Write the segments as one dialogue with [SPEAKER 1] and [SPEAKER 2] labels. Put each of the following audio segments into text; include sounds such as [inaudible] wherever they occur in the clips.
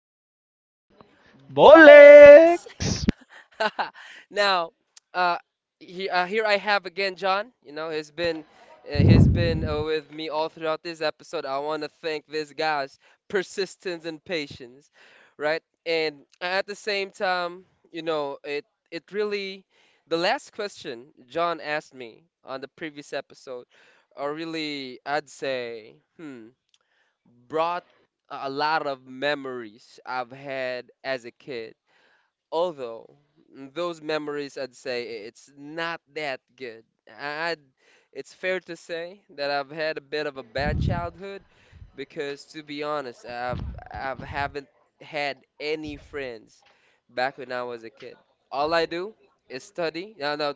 [SPEAKER 1] Ted Talks ni Bolex.
[SPEAKER 2] Bolex!
[SPEAKER 1] [laughs] now, uh, here I have again John. He's been with me all throughout this episode. I want to thank this guy's persistence and patience, right? And at the same time, you know, it really the last question John asked me on the previous episode, or really, I'd say, brought a lot of memories I've had as a kid. Although those memories, I'd say it's not that good. I'd, it's fair to say that I've had a bit of a bad childhood because, to be honest, I've haven't had any friends back when I was a kid. All I do is study. No, no,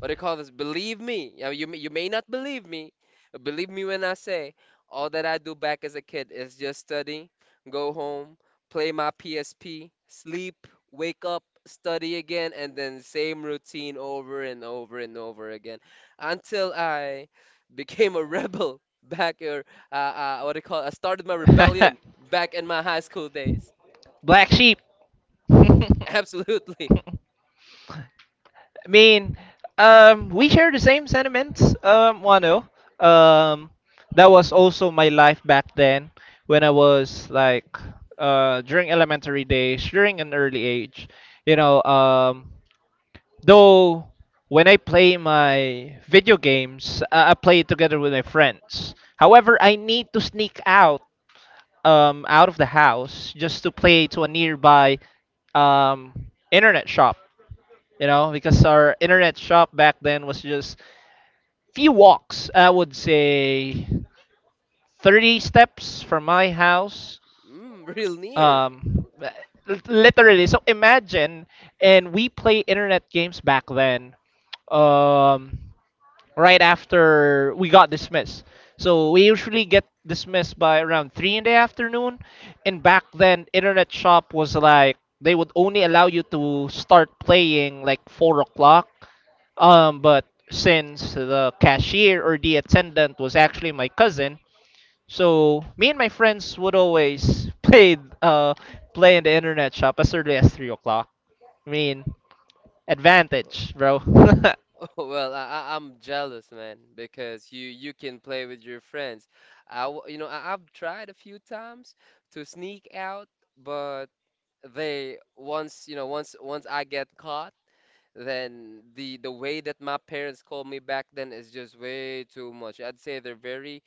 [SPEAKER 1] what do you call this? Believe me. Yeah, you may not believe me, but believe me when I say all that I do back as a kid is just study, go home, play my PSP, sleep, wake up, study again, and then same routine over and over and over again until I [laughs] became a rebel [laughs] back or what do you call? I started my rebellion
[SPEAKER 2] [laughs]
[SPEAKER 1] back in my high school days.
[SPEAKER 2] Black sheep. [laughs] I
[SPEAKER 1] [laughs] Absolutely.
[SPEAKER 2] mean, um, we share the same sentiments, Wano. Um, that was also my life back then when I was like, during elementary days, during an early age. You know, though when I play my video games, I play it together with my friends. However, I need to sneak out out of the house just to play to a nearby internet shop. You know, because our internet shop back then was just few walks. I would say 30 steps from my house.
[SPEAKER 1] Mm, real near.
[SPEAKER 2] Um, Literally. So imagine, and we play internet games back then. Um, right after we got dismissed. So we usually get dismissed by around three in the afternoon, and back then internet shop was like they would only allow you to start playing like 4 o'clock. But since the cashier or the attendant was actually my cousin, so me and my friends would always [laughs] play in the internet shop as early as 3 o'clock. I mean, advantage, bro.
[SPEAKER 1] [laughs] Well, I'm jealous, man, because you can play with your friends. I, w- you know, I, I've tried a few times to sneak out, but they once, you know, once I get caught, then the way that my parents called me back then is just way too much. I'd say they're very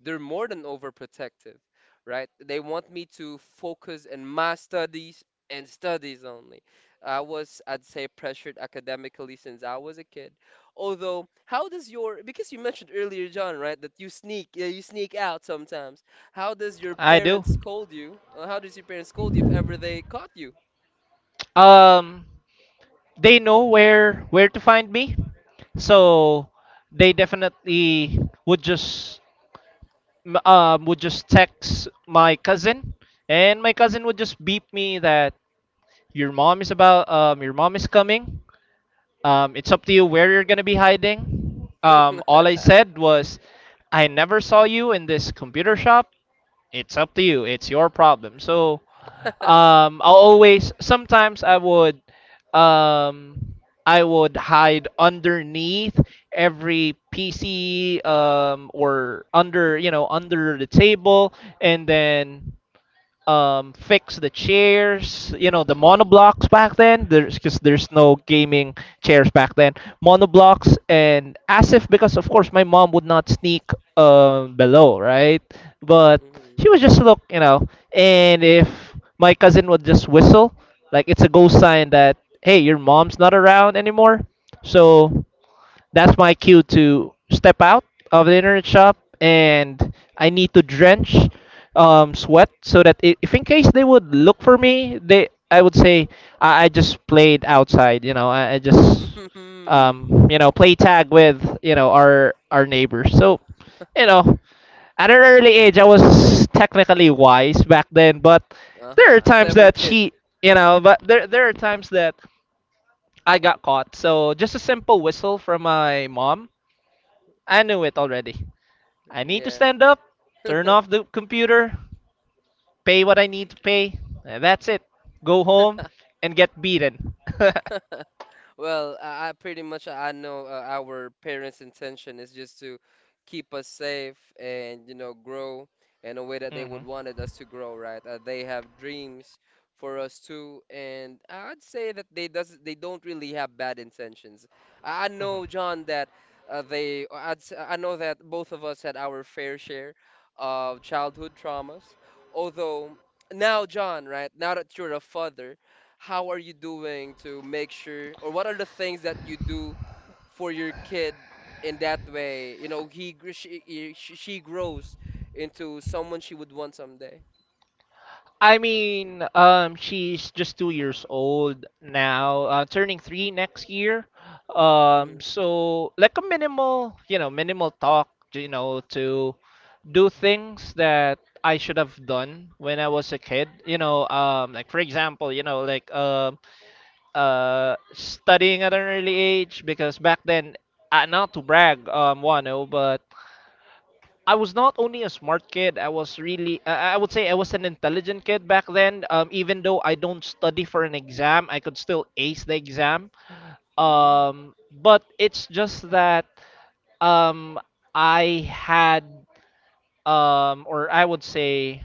[SPEAKER 1] they're more than overprotective, right? They want me to focus in my studies and studies only. I'd say, pressured academically since I was a kid. Although, because you mentioned earlier, John, right, that you sneak out sometimes. How does your
[SPEAKER 2] [laughs] I do.
[SPEAKER 1] parents scold you? How does your parents scold you if ever they caught you?
[SPEAKER 2] Um, they know where to find me, so they definitely would just text my cousin, and my cousin would just beep me that your mom is about your mom is coming. It's up to you where you're gonna be hiding.
[SPEAKER 1] [laughs] Hmm.
[SPEAKER 2] All I said was, I never saw you in this computer shop. It's up to you. It's your problem. So, I'll always. Sometimes um, I would hide underneath every PC, or under, you know, under the table, and then fix the chairs, you know, the monoblocks back then. There's because there's no gaming chairs back then, monoblocks. And as if, because of course, my mom would not sneak below, right? But she would just look, you know, and if my cousin would just whistle, like it's a go sign that hey, your mom's not around anymore. So that's my cue to step out of the internet shop, and I need to drench sweat, so that I if in case they would look for me, they I would say I just played outside. You know, I just
[SPEAKER 1] Hmm.
[SPEAKER 2] you know, play tag with, you know, our neighbors. So you know, at an early age, I was technically wise back then, but there are
[SPEAKER 1] Uh-huh. A
[SPEAKER 2] times
[SPEAKER 1] clever
[SPEAKER 2] that
[SPEAKER 1] kid.
[SPEAKER 2] she, there there are times that I got caught. So just a simple whistle from my mom, I knew it already. I need to
[SPEAKER 1] Yeah.
[SPEAKER 2] stand up, turn off the computer, pay what I need to pay, and that's it. Go home and get beaten. [laughs]
[SPEAKER 1] [laughs] Well, I pretty much I know our parents' intention is just to keep us safe and you know grow in a way that they would
[SPEAKER 2] Mhm.
[SPEAKER 1] wanted us to grow, right? They have dreams for us too, and I'd say that they don't really have bad intentions. I know, John, that I know that both of us had our fair share of childhood traumas, although now, John, right now that you're a father, how are you doing to make sure, or what are the things that you do for your kid in that way, you know, he gr- she he- she grows into someone she would want someday.
[SPEAKER 2] I mean, she's just 2 years old now, turning 3 next year.
[SPEAKER 1] Mhm.
[SPEAKER 2] So like a minimal, you know, minimal talk, you know, to do things that I should have done when I was a kid. You know, like for example, you know, like, studying at an early age because back then, not to brag, Wano, but I was not only a smart kid. I was really, I would say, I was an intelligent kid back then. Even though I don't study for an exam, I could still ace the exam.
[SPEAKER 1] Mhm.
[SPEAKER 2] Um, but it's just that um, I had, or I would say,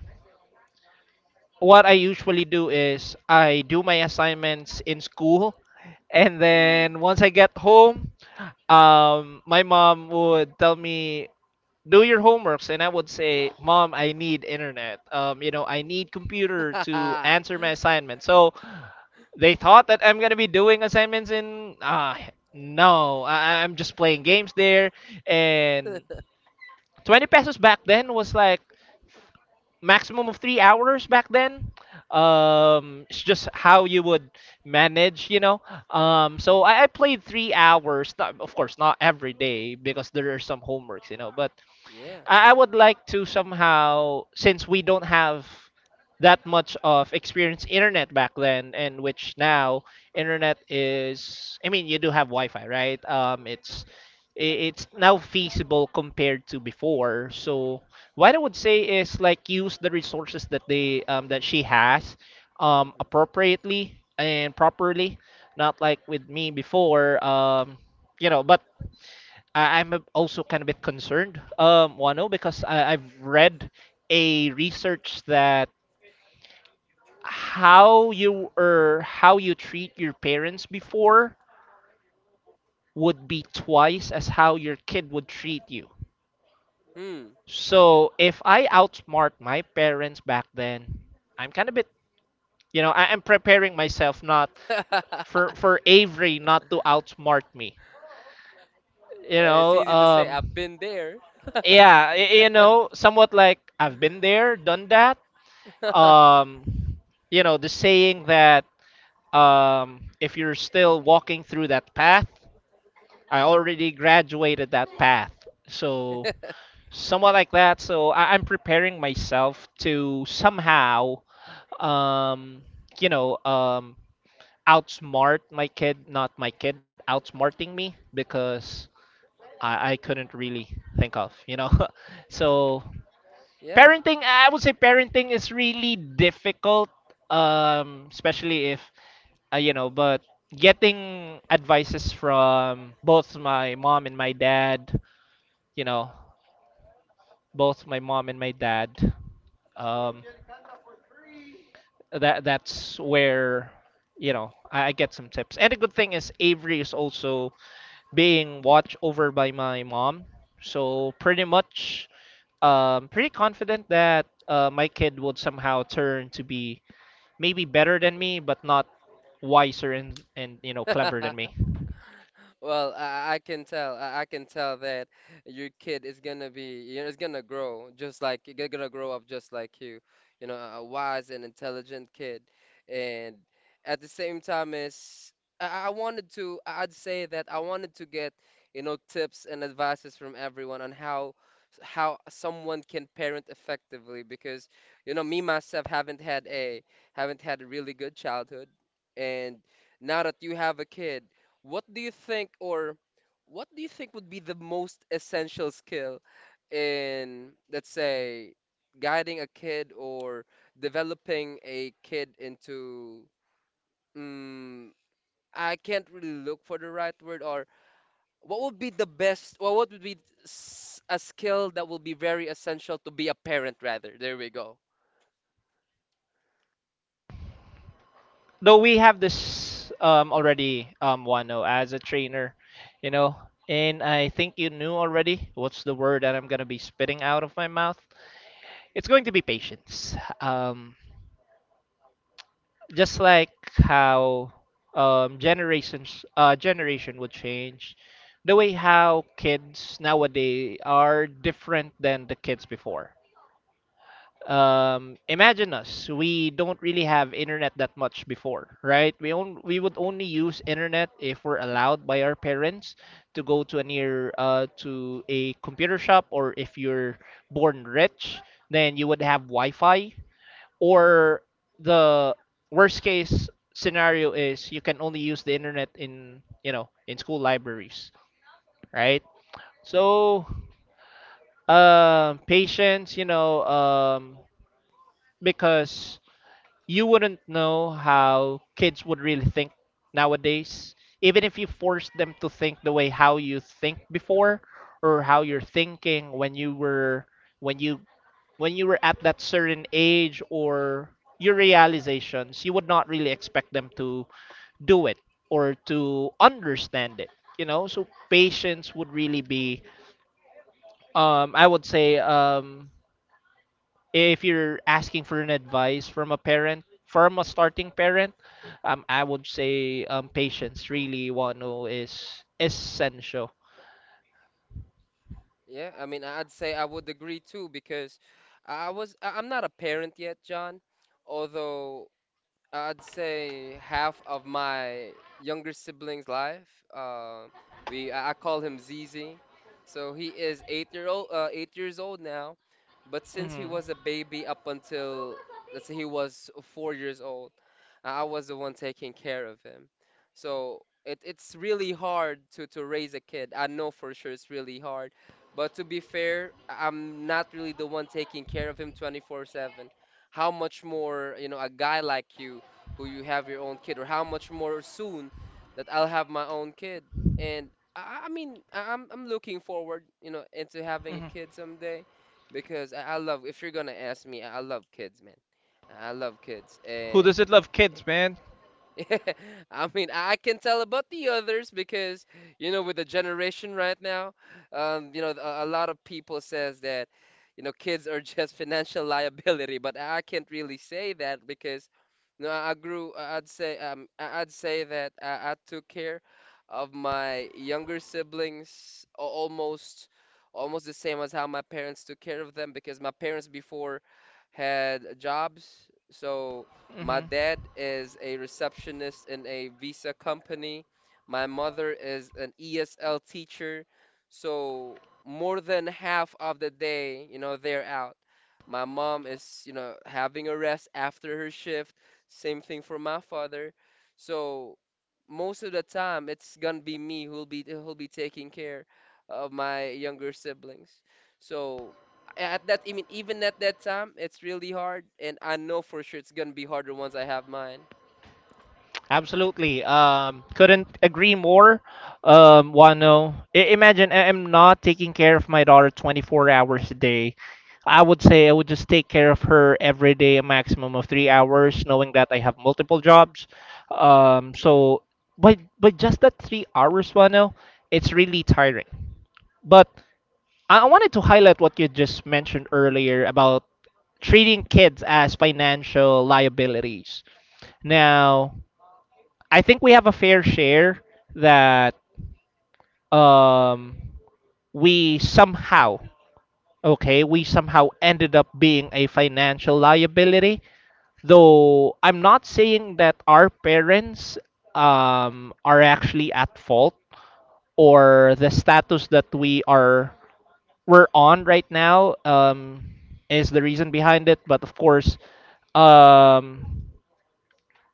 [SPEAKER 2] what I usually do is I do my assignments in school, and
[SPEAKER 1] Mhm. Mm.
[SPEAKER 2] then once I get home, my mom would tell me, "Do your homeworks," and I would say, "Mom, I need internet. You know, I need computer to answer my
[SPEAKER 1] [laughs]
[SPEAKER 2] assignment." So they thought that I'm gonna be doing assignments in. No, I'm just playing games there, and 20 pesos back then was like maximum of 3 hours back then. It's just how you would manage, you know. So I played 3 hours. Not, of course, not every day because there are some homeworks, you know. But
[SPEAKER 1] Yeah.
[SPEAKER 2] I would like to somehow, since we don't have that much of experience internet back then, and which now internet is, I mean, you do have Wi-Fi, right? It's it's now feasible compared to before. So what I would say is like use the resources that they that she has
[SPEAKER 1] Mhm.
[SPEAKER 2] appropriately and properly, not like with me before. You know, but also kind of a bit concerned, Wano, because I've read a research that how you or how you treat your parents before would be twice as how your kid would treat you.
[SPEAKER 1] Hmm.
[SPEAKER 2] So if I outsmart my parents back then, I'm kind of bit, you know, I'm preparing myself not for
[SPEAKER 1] [laughs]
[SPEAKER 2] Avery not to outsmart me. You
[SPEAKER 1] It's
[SPEAKER 2] know,
[SPEAKER 1] easy to say I've been there.
[SPEAKER 2] yeah, you know, somewhat like I've been there, done that. um you know, the saying that if you're still walking through that path, I already graduated that path. So somewhat like that. So I'm preparing myself to somehow um you know, outsmart my kid, not my kid outsmarting me, because i couldn't really think of, you know. [laughs] So
[SPEAKER 1] [laughs] Yeah.
[SPEAKER 2] parenting, I would say parenting is really difficult, especially if, you know. But getting advices from both my mom and my dad, you know, both my mom and my dad, um that that's where, you know, I get some tips. And the good thing is avery is also being watched over by my mom, so pretty much, pretty confident that, my kid would somehow turn to be maybe better than me, but not wiser and you know clever than me.
[SPEAKER 1] [laughs] Well, I can tell. I can tell that your kid is gonna be, you know, is gonna grow just like they're gonna grow up just like you. You know, a wise and intelligent kid, and at the same time, is I wanted to. I'd say that I wanted to get, you know, tips and advices from everyone on how someone can parent effectively because, you know, me myself haven't had a really good childhood, and now that you have a kid. What do you think, or what do you think would be the most essential skill in, let's say, guiding a kid or developing a kid into, mm, I can't really look for the right word, or what would be the best, or what would be a skill that will be very essential to be a parent, rather? There we go.
[SPEAKER 2] Though we have this already Wano as a trainer, you know, and I think you knew already what's the word that I'm gonna be spitting out of my mouth. It's going to be patience. Just like how generations generation would change. The way how kids nowadays are different than the kids before. Imagine us, we don't really have internet that much before, right? We would only use internet if we're allowed by our parents to go to a near to a computer shop, or if you're born rich, then you would have wi-fi. Or the worst case scenario is you can only use the internet in, you know, in school libraries, right? So patience, you know. Because you wouldn't know how kids would really think nowadays, even if you force them to think the way how you think before, or how you're thinking when you were, when you when you were at that certain age. Or your realizations, you would not really expect them to do it or to understand it, you know. So patience would really be, I would say, if you're asking for an advice from a parent, from a starting parent, I would say patience really one oh, is essential.
[SPEAKER 1] Yeah, I mean, I'd say I would agree too because I'm not a parent yet, John, although I'd say half of my younger sibling's life. Uh, we I call him Zizi. So he is 8 year old, 8 years old now. But since he
[SPEAKER 2] Mm-hmm.
[SPEAKER 1] was a baby up until, let's say, he was 4 years old, I was the one taking care of him. So it's really hard to raise a kid. I know for sure it's really hard. But to be fair, I'm not really the one taking care of him 24/7. How much more, you know, a guy like you who you have your own kid, or how much more soon that I'll have my own kid. And I mean, I'm looking forward, you know, into having a
[SPEAKER 2] Mm-hmm.
[SPEAKER 1] kid someday because if you're gonna ask me, I love kids, man. I love kids,
[SPEAKER 2] Who
[SPEAKER 1] and
[SPEAKER 2] doesn't love kids, man?
[SPEAKER 1] [laughs] I mean, I can tell about the others because, you know, with the generation right now, you know, a lot of people says that, you know, kids are [laughs] just financial liability, but I can't really say that because, you know, would say, I- I'd say that I took care of my younger siblings almost, almost the same as how my parents took care of them because my parents before had jobs, so. My
[SPEAKER 2] Mm-hmm.
[SPEAKER 1] dad is a receptionist in a visa company. My mother is an ESL teacher. So more than half of the day, you know, they're out. My mom is, you know, having a rest after her shift. Same thing for my father. So most of the time, it's gonna be me who'll be taking care of my younger siblings. So at that I mean even at that time it's really hard and I know for sure it's gonna be harder once I have mine.
[SPEAKER 2] Absolutely. Couldn't agree more. Wano. Imagine I am not taking care of my daughter 24 hours a day. I would say I would just take care of her every day, a maximum of 3 hours, knowing that I have multiple jobs. So, but just that 3 hours, Wano, it's really tiring. But I wanted to highlight what you just mentioned earlier about treating kids as financial liabilities. Now, I think we have a fair share that um, we somehow, okay, we somehow ended up being a financial liability. Though I'm not saying that our parents are actually at fault, or the status that we're on right now is the reason behind it. But of course, um,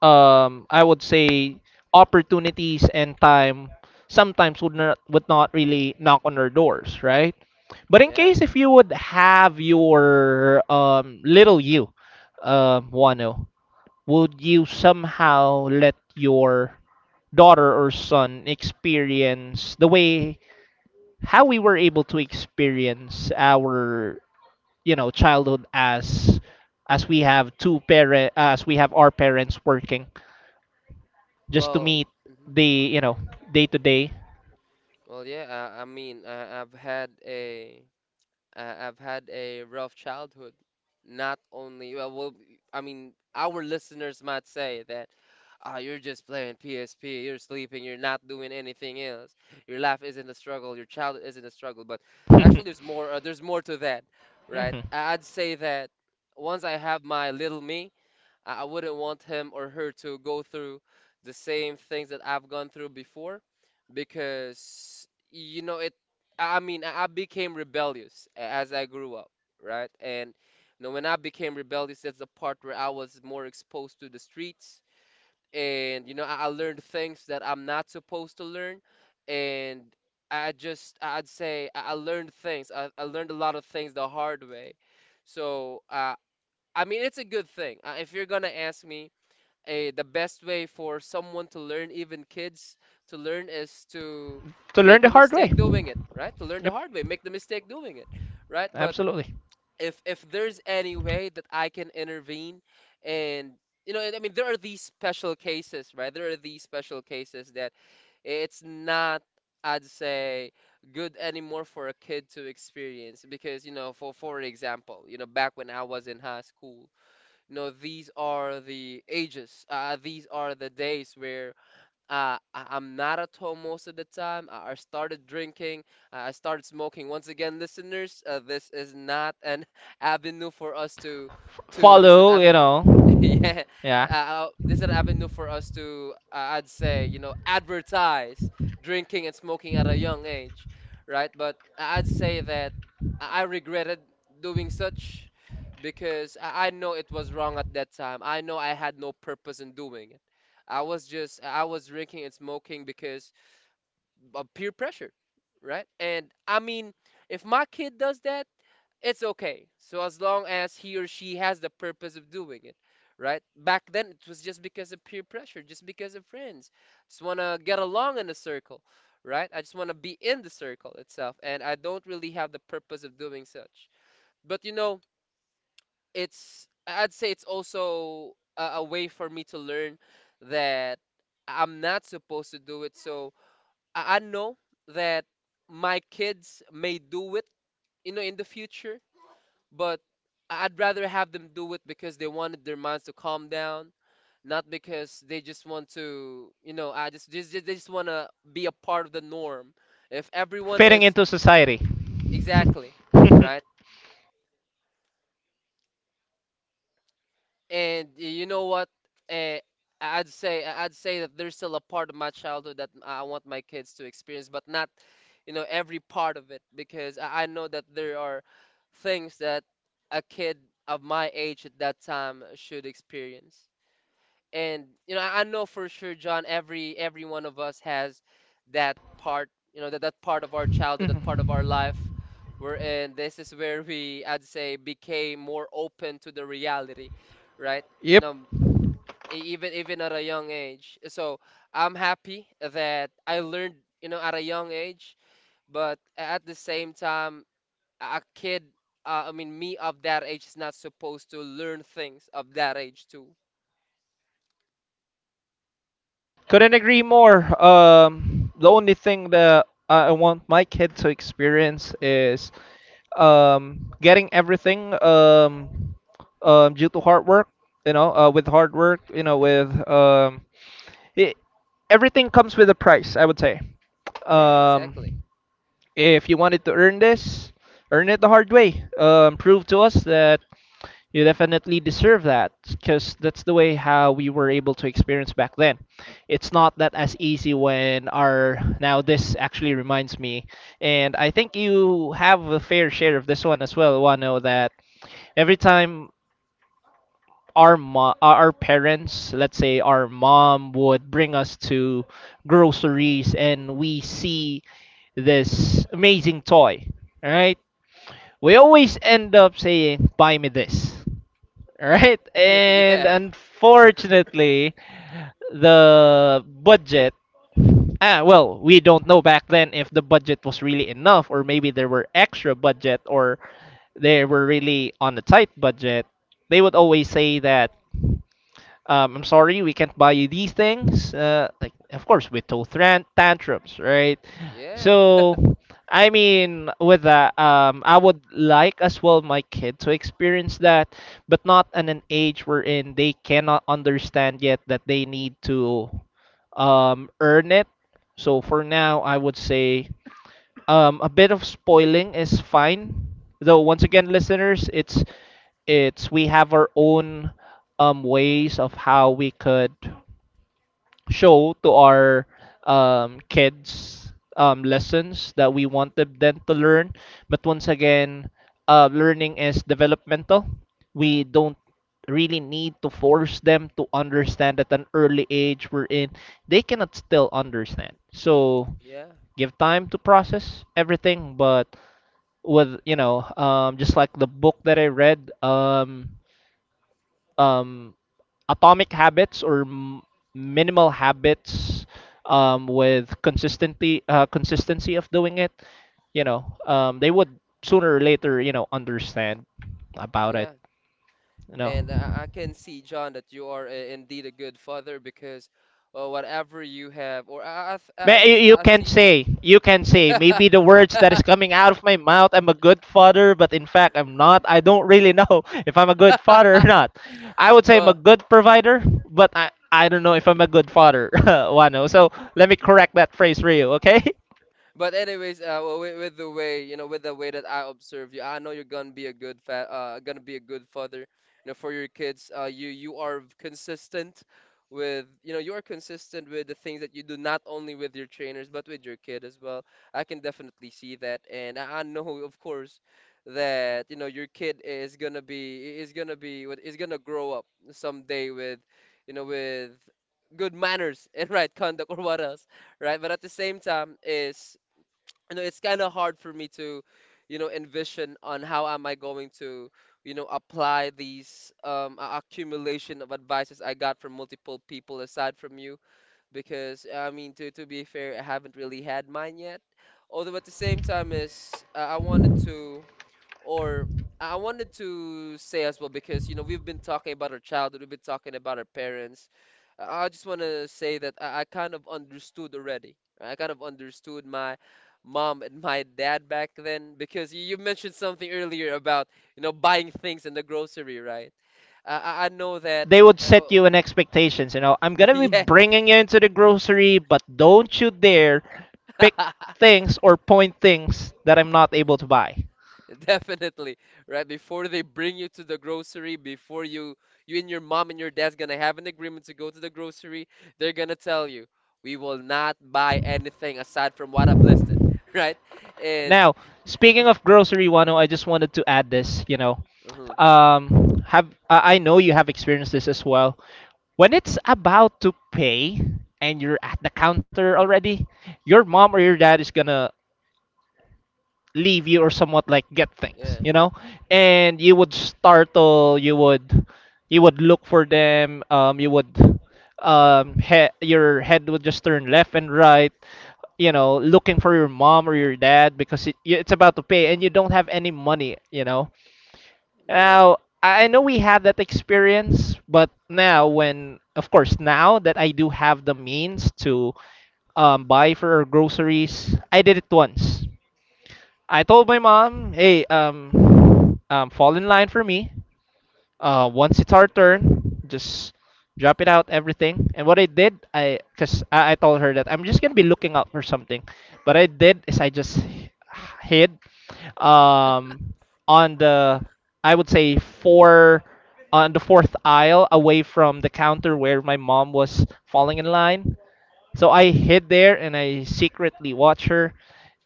[SPEAKER 2] I would say opportunities and time sometimes would not really knock on our doors, right? But in
[SPEAKER 1] Yeah.
[SPEAKER 2] case if you would have your little you, Wano, would you somehow let your daughter or son experience the way how we were able to experience our, you know, childhood, as we have our parents working just to
[SPEAKER 1] Well,
[SPEAKER 2] meet
[SPEAKER 1] mhm.
[SPEAKER 2] the, you know, day to day.
[SPEAKER 1] Well, yeah. I've had a I've had a rough childhood. Not only well, well, I mean, our listeners might say that ah, you're just playing PSP, you're sleeping, you're not doing anything else. Your life isn't a struggle, your child isn't a struggle. But actually,
[SPEAKER 2] [laughs]
[SPEAKER 1] there's more. There's more to that, right?
[SPEAKER 2] Mhm.
[SPEAKER 1] I- I'd say that once I have my little me, I wouldn't want him or her to go through the same things that I've gone through before because you know it I became rebellious as I grew up, right? And you know, when I became rebellious, that's the part where I was more exposed to the streets and you know I learned things that I'm not supposed to learn and I learned things. I learned a lot of things the hard way. So I mean, it's a good thing. If you're gonna ask me, a the best way for someone to learn, even kids to learn, is to
[SPEAKER 2] To learn
[SPEAKER 1] make
[SPEAKER 2] the
[SPEAKER 1] a
[SPEAKER 2] hard way.
[SPEAKER 1] mistake doing it, right? To learn the
[SPEAKER 2] Yep,
[SPEAKER 1] hard way, make the mistake doing it, right? But
[SPEAKER 2] absolutely.
[SPEAKER 1] if there's any way that I can intervene and you know, I mean, there are these special cases, right? There are these special cases that it's not, I'd say, good anymore for a kid to experience because, you know, for example, you know, back when I was in high school, no, these are the ages. These are the days where uh, I- I'm not at home most of the time. I started drinking. I started smoking. Once again, listeners, this is not an [laughs] avenue for us to
[SPEAKER 2] F-
[SPEAKER 1] This is not
[SPEAKER 2] follow, you
[SPEAKER 1] avenue. [laughs]
[SPEAKER 2] know,
[SPEAKER 1] Yeah,
[SPEAKER 2] yeah,
[SPEAKER 1] this is an avenue for us to, I'd say, you know, advertise drinking and smoking at a young age, right? But I'd say that I regretted doing such because I know it was wrong at that time. I know I had no purpose in doing it. I was drinking and smoking because of peer pressure, right? And I mean, if my kid does that, it's okay. So as long as he or she has the purpose of doing it, right? Back then, it was just because of peer pressure, just because of friends. Just want to get along in the circle, right? I just want to be in the circle itself, and I don't really have the purpose of doing such. But you know, it's I'd say it's also a way for me to learn that I'm not supposed to do it. So I know that my kids may do it, you know, in the future, but I would rather have them do it because they wanted their minds to calm down, not because they just want to, you know, I just they just want to be a part of the norm. If everyone
[SPEAKER 2] fitting
[SPEAKER 1] is
[SPEAKER 2] into society.
[SPEAKER 1] exactly,
[SPEAKER 2] [laughs]
[SPEAKER 1] right? And you know what? Eh, I'd say that there's still a part of my childhood that I want my kids to experience, but not, every part of it because I know that there are things that a kid of my age at that time should experience. And you know I know for sure, John, every one of us has that part, you know, that part of our childhood, that
[SPEAKER 2] Mhm.
[SPEAKER 1] part of our life, wherein this is where we, I'd say, became more open to the reality, right? You
[SPEAKER 2] Yep,
[SPEAKER 1] know, even at a young age, so I'm happy that I learned, you know, at a young age, but at the same time, a kid, I mean me, of that age is not supposed to learn things of that age too.
[SPEAKER 2] couldn't agree more. The only thing that I want my kid to experience is getting everything due to hard work. You know, with hard work, you know, with it, everything comes with a price, I would say.
[SPEAKER 1] Yeah, exactly.
[SPEAKER 2] Um, if you wanted to earn this, earn it the hard way. Prove to us that you definitely deserve that because that's the way how we were able to experience back then. It's not that as easy when our now this actually reminds me, and I think you have a fair share of this one as well, Wano, that every time our parents, let's say our mom would bring us to groceries and we see this amazing toy, right? We always end up saying buy me this, [laughs] right?
[SPEAKER 1] [laughs]
[SPEAKER 2] And
[SPEAKER 1] Yeah.
[SPEAKER 2] unfortunately, the budget... Ah, well, we don't know back then if the budget was really enough, or maybe there were extra budget, or they were really on a tight budget. They would always say that I'm sorry, we can't buy you these things. Like, of course, with total tantrums, right?
[SPEAKER 1] Yeah, [laughs]
[SPEAKER 2] So, I mean, with that, I would like as well my kid to experience that, but not in an age wherein they cannot understand yet that they need to earn it. So for now, I would say a bit of spoiling is fine, though. Once again, listeners, it's we have our own ways of how we could show to our kids lessons that we want them then to learn. But once again, learning is developmental. We don't really need to force them to understand at an early age we're in. They cannot still understand. So
[SPEAKER 1] yeah,
[SPEAKER 2] give time to process everything but with just like the book that I read, um, Atomic Habits or Minimal Habits, with consistency, consistency of doing it, they would sooner or later, you know, understand about it,
[SPEAKER 1] yeah.
[SPEAKER 2] you know.
[SPEAKER 1] And I can see, John, that you are indeed a good father because whatever you have, or
[SPEAKER 2] You,
[SPEAKER 1] I see.
[SPEAKER 2] you can say, maybe the words that is
[SPEAKER 1] [laughs]
[SPEAKER 2] coming out of my mouth, I'm a good father, but in fact, I'm not. I don't really know [laughs] if I'm a good father or not. I would say I'm a
[SPEAKER 1] Well,
[SPEAKER 2] good provider, but I don't
[SPEAKER 1] [laughs]
[SPEAKER 2] know if I'm a good father, [laughs] Wano. So let me correct that phrase for you, okay? [laughs]
[SPEAKER 1] but anyways, with the way, you know, with the way that I observe you, I know you're gonna be a good fa- gonna be a good father, you know, for your kids. You are consistent with, you know, you are consistent with the things that you do, not only with your trainers but with your kid as well. I can definitely see that, and I know, of course, that you know your kid is gonna be what is gonna grow up someday with, you know, with good manners [laughs] and right conduct, or what else, right? But at the same time, is, you know, it's kind of hard for me to, you know, envision on how am I going to, you know, apply these accumulation of advices I got from multiple people aside from you, because I mean, to be fair, I haven't really had mine yet, although at the same time is, I wanted to, or I wanted to say as well, because you know we've been talking about our childhood, we've been talking about our parents. I just want to say that I kind of understood already. I kind of understood my mom and my dad back then because you mentioned something earlier about, you know, buying things in the grocery, right? I know that.
[SPEAKER 2] They would set
[SPEAKER 1] Uh,
[SPEAKER 2] you in expectations, you know. I'm
[SPEAKER 1] [laughs]
[SPEAKER 2] gonna be
[SPEAKER 1] yeah.
[SPEAKER 2] bringing you into the grocery, but don't you dare pick
[SPEAKER 1] [laughs]
[SPEAKER 2] things or point things that I'm not able to buy.
[SPEAKER 1] [laughs] Definitely, right? Before they bring you to the grocery, before you and your mom and your dad's gonna have an agreement to go to the grocery, they're gonna tell you, we will not buy anything aside from what I've listed, [laughs] right? And
[SPEAKER 2] Now, speaking of grocery, Wano, I just wanted to add this. You know,
[SPEAKER 1] uh,
[SPEAKER 2] have I know you have experienced this as well. When it's about to pay and you're at the counter already, your mom or your dad is gonna leave you or somewhat like get things,
[SPEAKER 1] yeah,
[SPEAKER 2] you know, and you would startle, you would, you would look for them, you would, your head would just turn left and right, you know, looking for your mom or your dad because it, it's about to pay and you don't have any money, you know.
[SPEAKER 1] yeah.
[SPEAKER 2] Now I know we had that experience, but now when, of course, now that I do have the means to buy for groceries. I did it once. I told my mom, "Hey, fall in line for me. Once it's our turn, just drop it out, everything." And what I did, cause I told her that I'm just gonna be looking out for something. What I did is I just hid, um, on the, I would say four, on the fourth aisle, away from the counter where my mom was falling in line. So I hid there and I secretly watch her.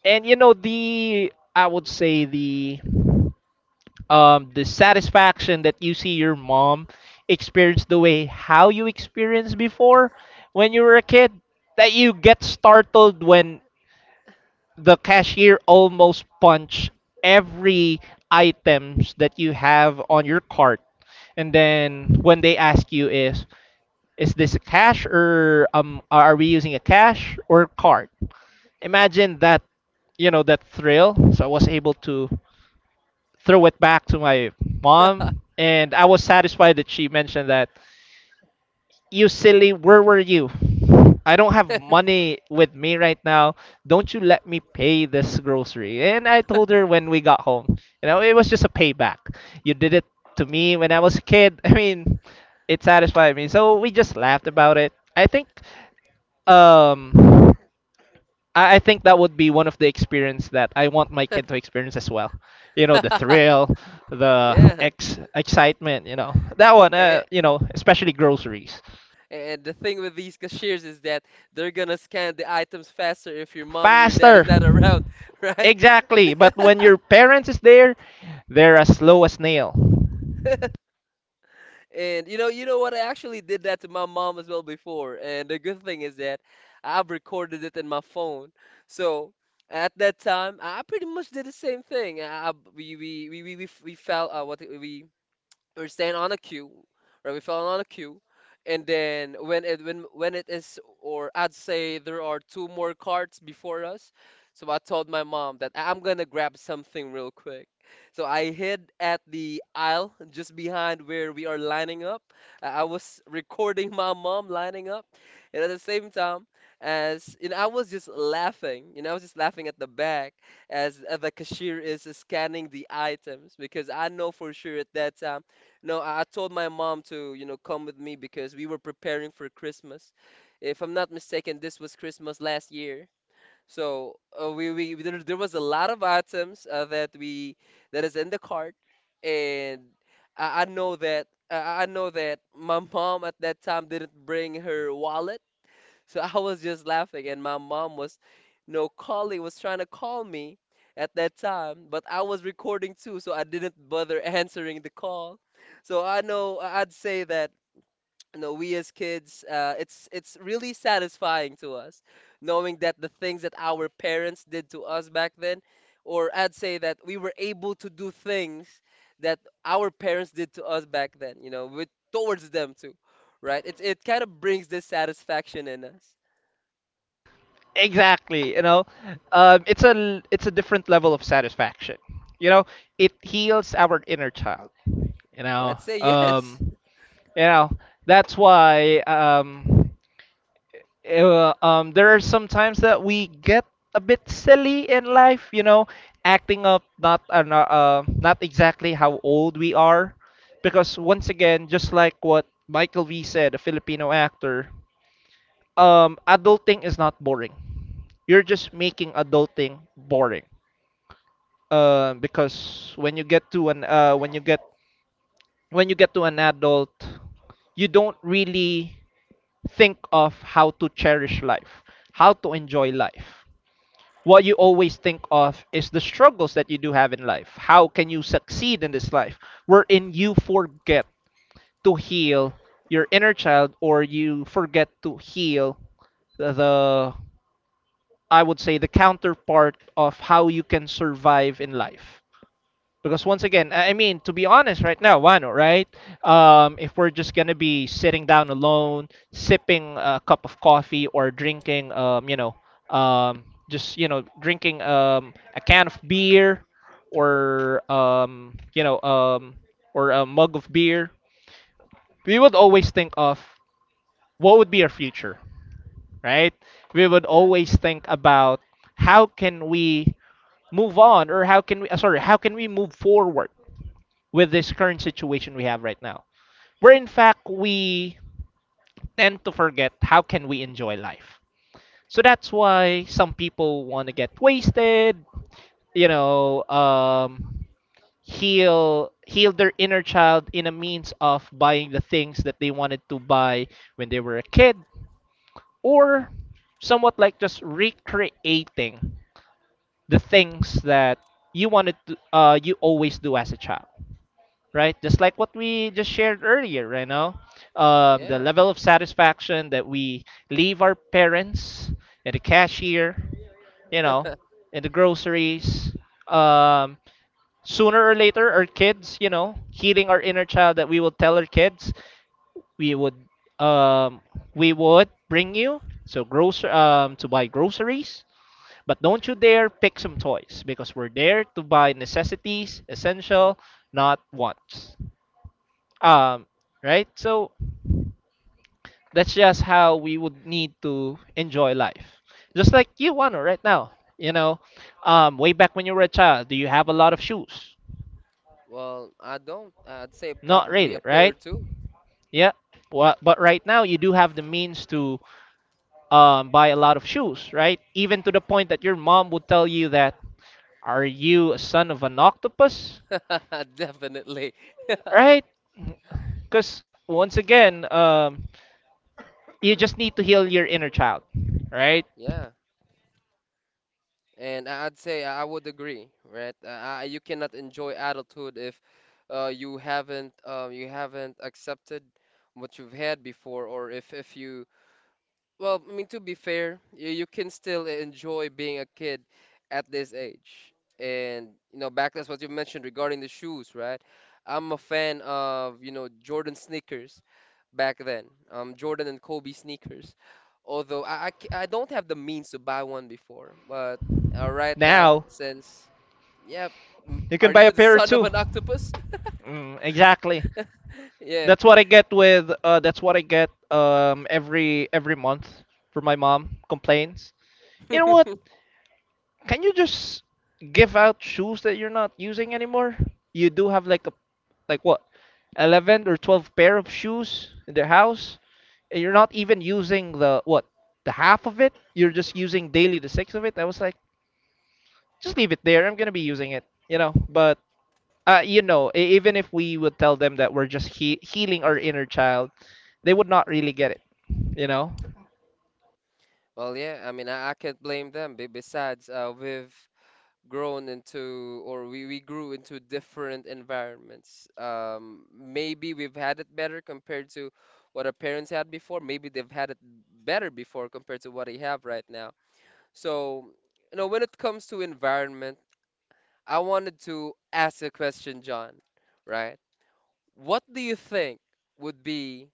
[SPEAKER 2] And you know the, I would say, the satisfaction that you see your mom experience the way how you experienced before when you were a kid, that you get startled when the cashier almost punch every items that you have on your cart, and then when they ask you is this a cash or are we using a cash or card, imagine that, you know, that thrill. So I was able to throw it back to my mom, and I was satisfied that she mentioned that, you silly, where were you? I don't have money with me right now. Don't you let me pay this grocery. And I told her when we got home, you know, it was just a payback. You did it to me when I was a kid. [laughs] I mean, it satisfied me, so we just laughed about it. I think, um I think that would be one of the experience that I want my kid to experience as well. You know, the
[SPEAKER 1] [laughs]
[SPEAKER 2] thrill, the
[SPEAKER 1] Yeah.
[SPEAKER 2] ex excitement. You know, that one.
[SPEAKER 1] And,
[SPEAKER 2] You know, especially groceries.
[SPEAKER 1] and the thing with these cashiers is that they're gonna scan the items faster if your mom and your dad
[SPEAKER 2] Faster.
[SPEAKER 1] is not around, [laughs] right?
[SPEAKER 2] Exactly. But when your parents is there, they're as slow as nail.
[SPEAKER 1] And you know what? I actually did that to my mom as well before. And the good thing is that I've recorded it in my phone. So at that time, I pretty much did the same thing. We fell, we're staying on a queue, right? We fell on a queue, and then when it is, or I'd say there are two more carts before us, so I told my mom that I'm gonna grab something real quick. So I hid at the aisle just behind where we are lining up. I was recording my mom lining up, and at the same time, as you know, I was just laughing. You know, I was just laughing at the back as the cashier is scanning the items, because I know for sure at that time, no, I told my mom to, you know, come with me because we were preparing for Christmas. If I'm not mistaken, this was Christmas last year. So there was a lot of items that we that is in the cart, and I know that my [laughs] mom at that time didn't bring her wallet, so I was just laughing, and my mom no, calling, was trying to call me at that time, but I was recording too, so I didn't bother [laughs] answering the call. So I know, I'd say that, you know, we as kids, it's really satisfying to us, knowing that the things that our parents did to us back then, or I'd say that we were able to do things that our parents did to us back then, you know, with towards them too, right? It kind of brings this satisfaction in us.
[SPEAKER 2] Exactly. You know, it's it's a different level of satisfaction. You know, it heals our inner child. You know,
[SPEAKER 1] I'd say yes.
[SPEAKER 2] you know, that's why. There are some times that we get a bit silly in life, you know, acting up, not exactly how old we are, because once again, just like what Michael V said, a Filipino actor, adulting is not boring. You're just making adulting boring. Because when you get, when you get to an adult, you don't really think of how to cherish life, how to enjoy life. What you always think of is the struggles that you do have in life. How can you succeed in this life? Wherein you forget to heal your inner child, or you forget to heal the, I would say, the counterpart of how you can survive in life. Because once again, I mean, to be honest, right now, Wano, right? If we're just gonna be sitting down alone, sipping a cup of coffee or drinking, you know, um, just, you know, drinking, a can of beer, or you know, or a mug of beer, we would always think of what would be our future, right? We would
[SPEAKER 1] Yeah,
[SPEAKER 2] always think about how can we move on, or how can we, sorry, how can we move forward with this current situation we have right now. Where in fact we tend to forget how can we enjoy life. So that's why some people want to get wasted, you know, heal their inner child in a means of buying the things that they wanted to buy when they were a kid, or somewhat like just recreating the things that you wanted to, you always do as a child. Right? Just like what we just shared earlier, right now, the
[SPEAKER 1] yeah.
[SPEAKER 2] level of satisfaction that we leave our parents at the cashier, you know,
[SPEAKER 1] [laughs]
[SPEAKER 2] in the groceries, um, sooner or later, our kids, you know, healing our inner child, that we will tell our kids, we would, um, we would bring you so grocer to buy groceries. But don't you dare pick some toys because we're there to buy necessities, essential, not wants. um right, so that's just how we would need to enjoy life. Just like you, Wano, right now, you know, way back when you were a child, do you have a lot of shoes?
[SPEAKER 1] Well, I don't. I'd say
[SPEAKER 2] Not
[SPEAKER 1] probably
[SPEAKER 2] really,
[SPEAKER 1] a pair
[SPEAKER 2] right?
[SPEAKER 1] or two.
[SPEAKER 2] Yeah. Well, but right now you do have the means to buy a lot of shoes, right? Even to the point that your mom would tell you that, are you a son of an octopus?
[SPEAKER 1] [laughs] Definitely. [laughs]
[SPEAKER 2] Right? Because once again, you just need to heal your inner child. Right?
[SPEAKER 1] Yeah. And I'd say I would agree, right? You cannot enjoy adulthood if you haven't accepted what you've had before, or if you— Well, I mean, to be fair, you can still enjoy being a kid at this age. And, you know, back, that's what you mentioned regarding the shoes, right? I'm a fan of, you know, Jordan sneakers back then, Jordan and Kobe sneakers. Although I don't have the means to buy one before, but right now,
[SPEAKER 2] Now
[SPEAKER 1] since, yeah, mm,
[SPEAKER 2] you can
[SPEAKER 1] are
[SPEAKER 2] buy
[SPEAKER 1] you
[SPEAKER 2] a
[SPEAKER 1] the [laughs]
[SPEAKER 2] pair
[SPEAKER 1] son of
[SPEAKER 2] too.
[SPEAKER 1] an octopus?
[SPEAKER 2] Mm, exactly.
[SPEAKER 1] [laughs] Yeah.
[SPEAKER 2] That's what I get with, uh, that's what I get, every month for my mom complaints. You know what?
[SPEAKER 1] [laughs]
[SPEAKER 2] Can you just give out shoes that you're not using anymore? You do have like a, like what? 11 or 12 pair of shoes in the house, and you're not even using the what? The half of it? You're just using daily the six of it. I was like, just leave it there. I'm going to be using it, you know. But you know, even if we would tell them that we're just healing our inner child, they would not really get it, you know?
[SPEAKER 1] Well, yeah, I mean, I can't blame them. Besides, with grown into, or we grew into different environments. Maybe we've had it better compared to what our parents had before. Maybe they've had it better before compared to what they have right now. So, you know, when it comes to environment, I wanted to ask a question, John, right? What do you think would be,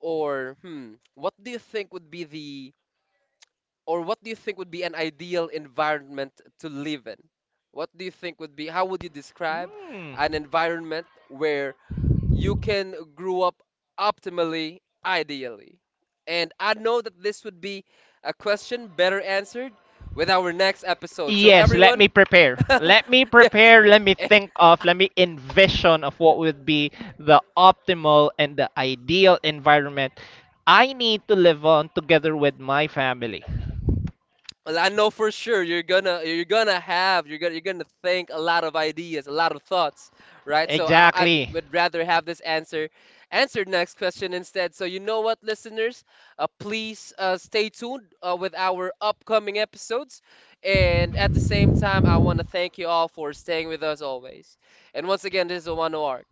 [SPEAKER 1] or hmm, what do you think would be, the or what do you think would be an ideal environment to live in? What do you think would be, how would you describe
[SPEAKER 2] Hmm.
[SPEAKER 1] an environment where you can grow up optimally, ideally? And I know that this would be a question better answered with our next episode. So,
[SPEAKER 2] Yes, let
[SPEAKER 1] everyone,
[SPEAKER 2] me prepare.
[SPEAKER 1] [laughs]
[SPEAKER 2] Let me
[SPEAKER 1] yeah,
[SPEAKER 2] prepare. Let me think of, let me envision of what would be the optimal and the ideal environment I need to live on together with my family.
[SPEAKER 1] well, I know for sure you're gonna, you're gonna think a lot of ideas, a lot of thoughts, right? So I
[SPEAKER 2] Exactly.
[SPEAKER 1] would rather have this answered next question instead. So you know what, listeners, please stay tuned with our upcoming episodes, and at the same time, I want to thank you all for staying with us always. And once again, this is Owano Arc.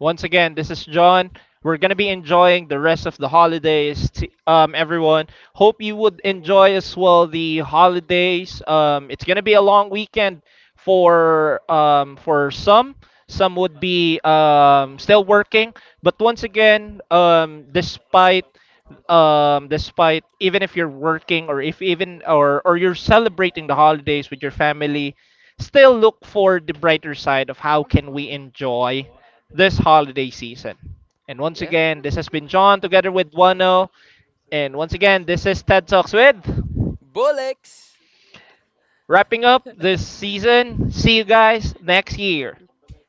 [SPEAKER 2] Once again, this is John. We're going to be enjoying the rest of the holidays, everyone. Hope you would enjoy as well the holidays. It's going to be a long weekend for some. Some would be still working, but once again, despite, despite even if you're working, or if even, or you're celebrating the holidays with your family, still look for the brighter side of how can we enjoy this holiday season. And once
[SPEAKER 1] Yeah,
[SPEAKER 2] again, this has been John together with Wano. And once again, this is TED Talks with.
[SPEAKER 1] Bullocks.
[SPEAKER 2] Wrapping up this season. See you guys next year.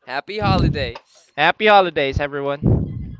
[SPEAKER 1] Happy holidays.
[SPEAKER 2] Happy holidays, everyone.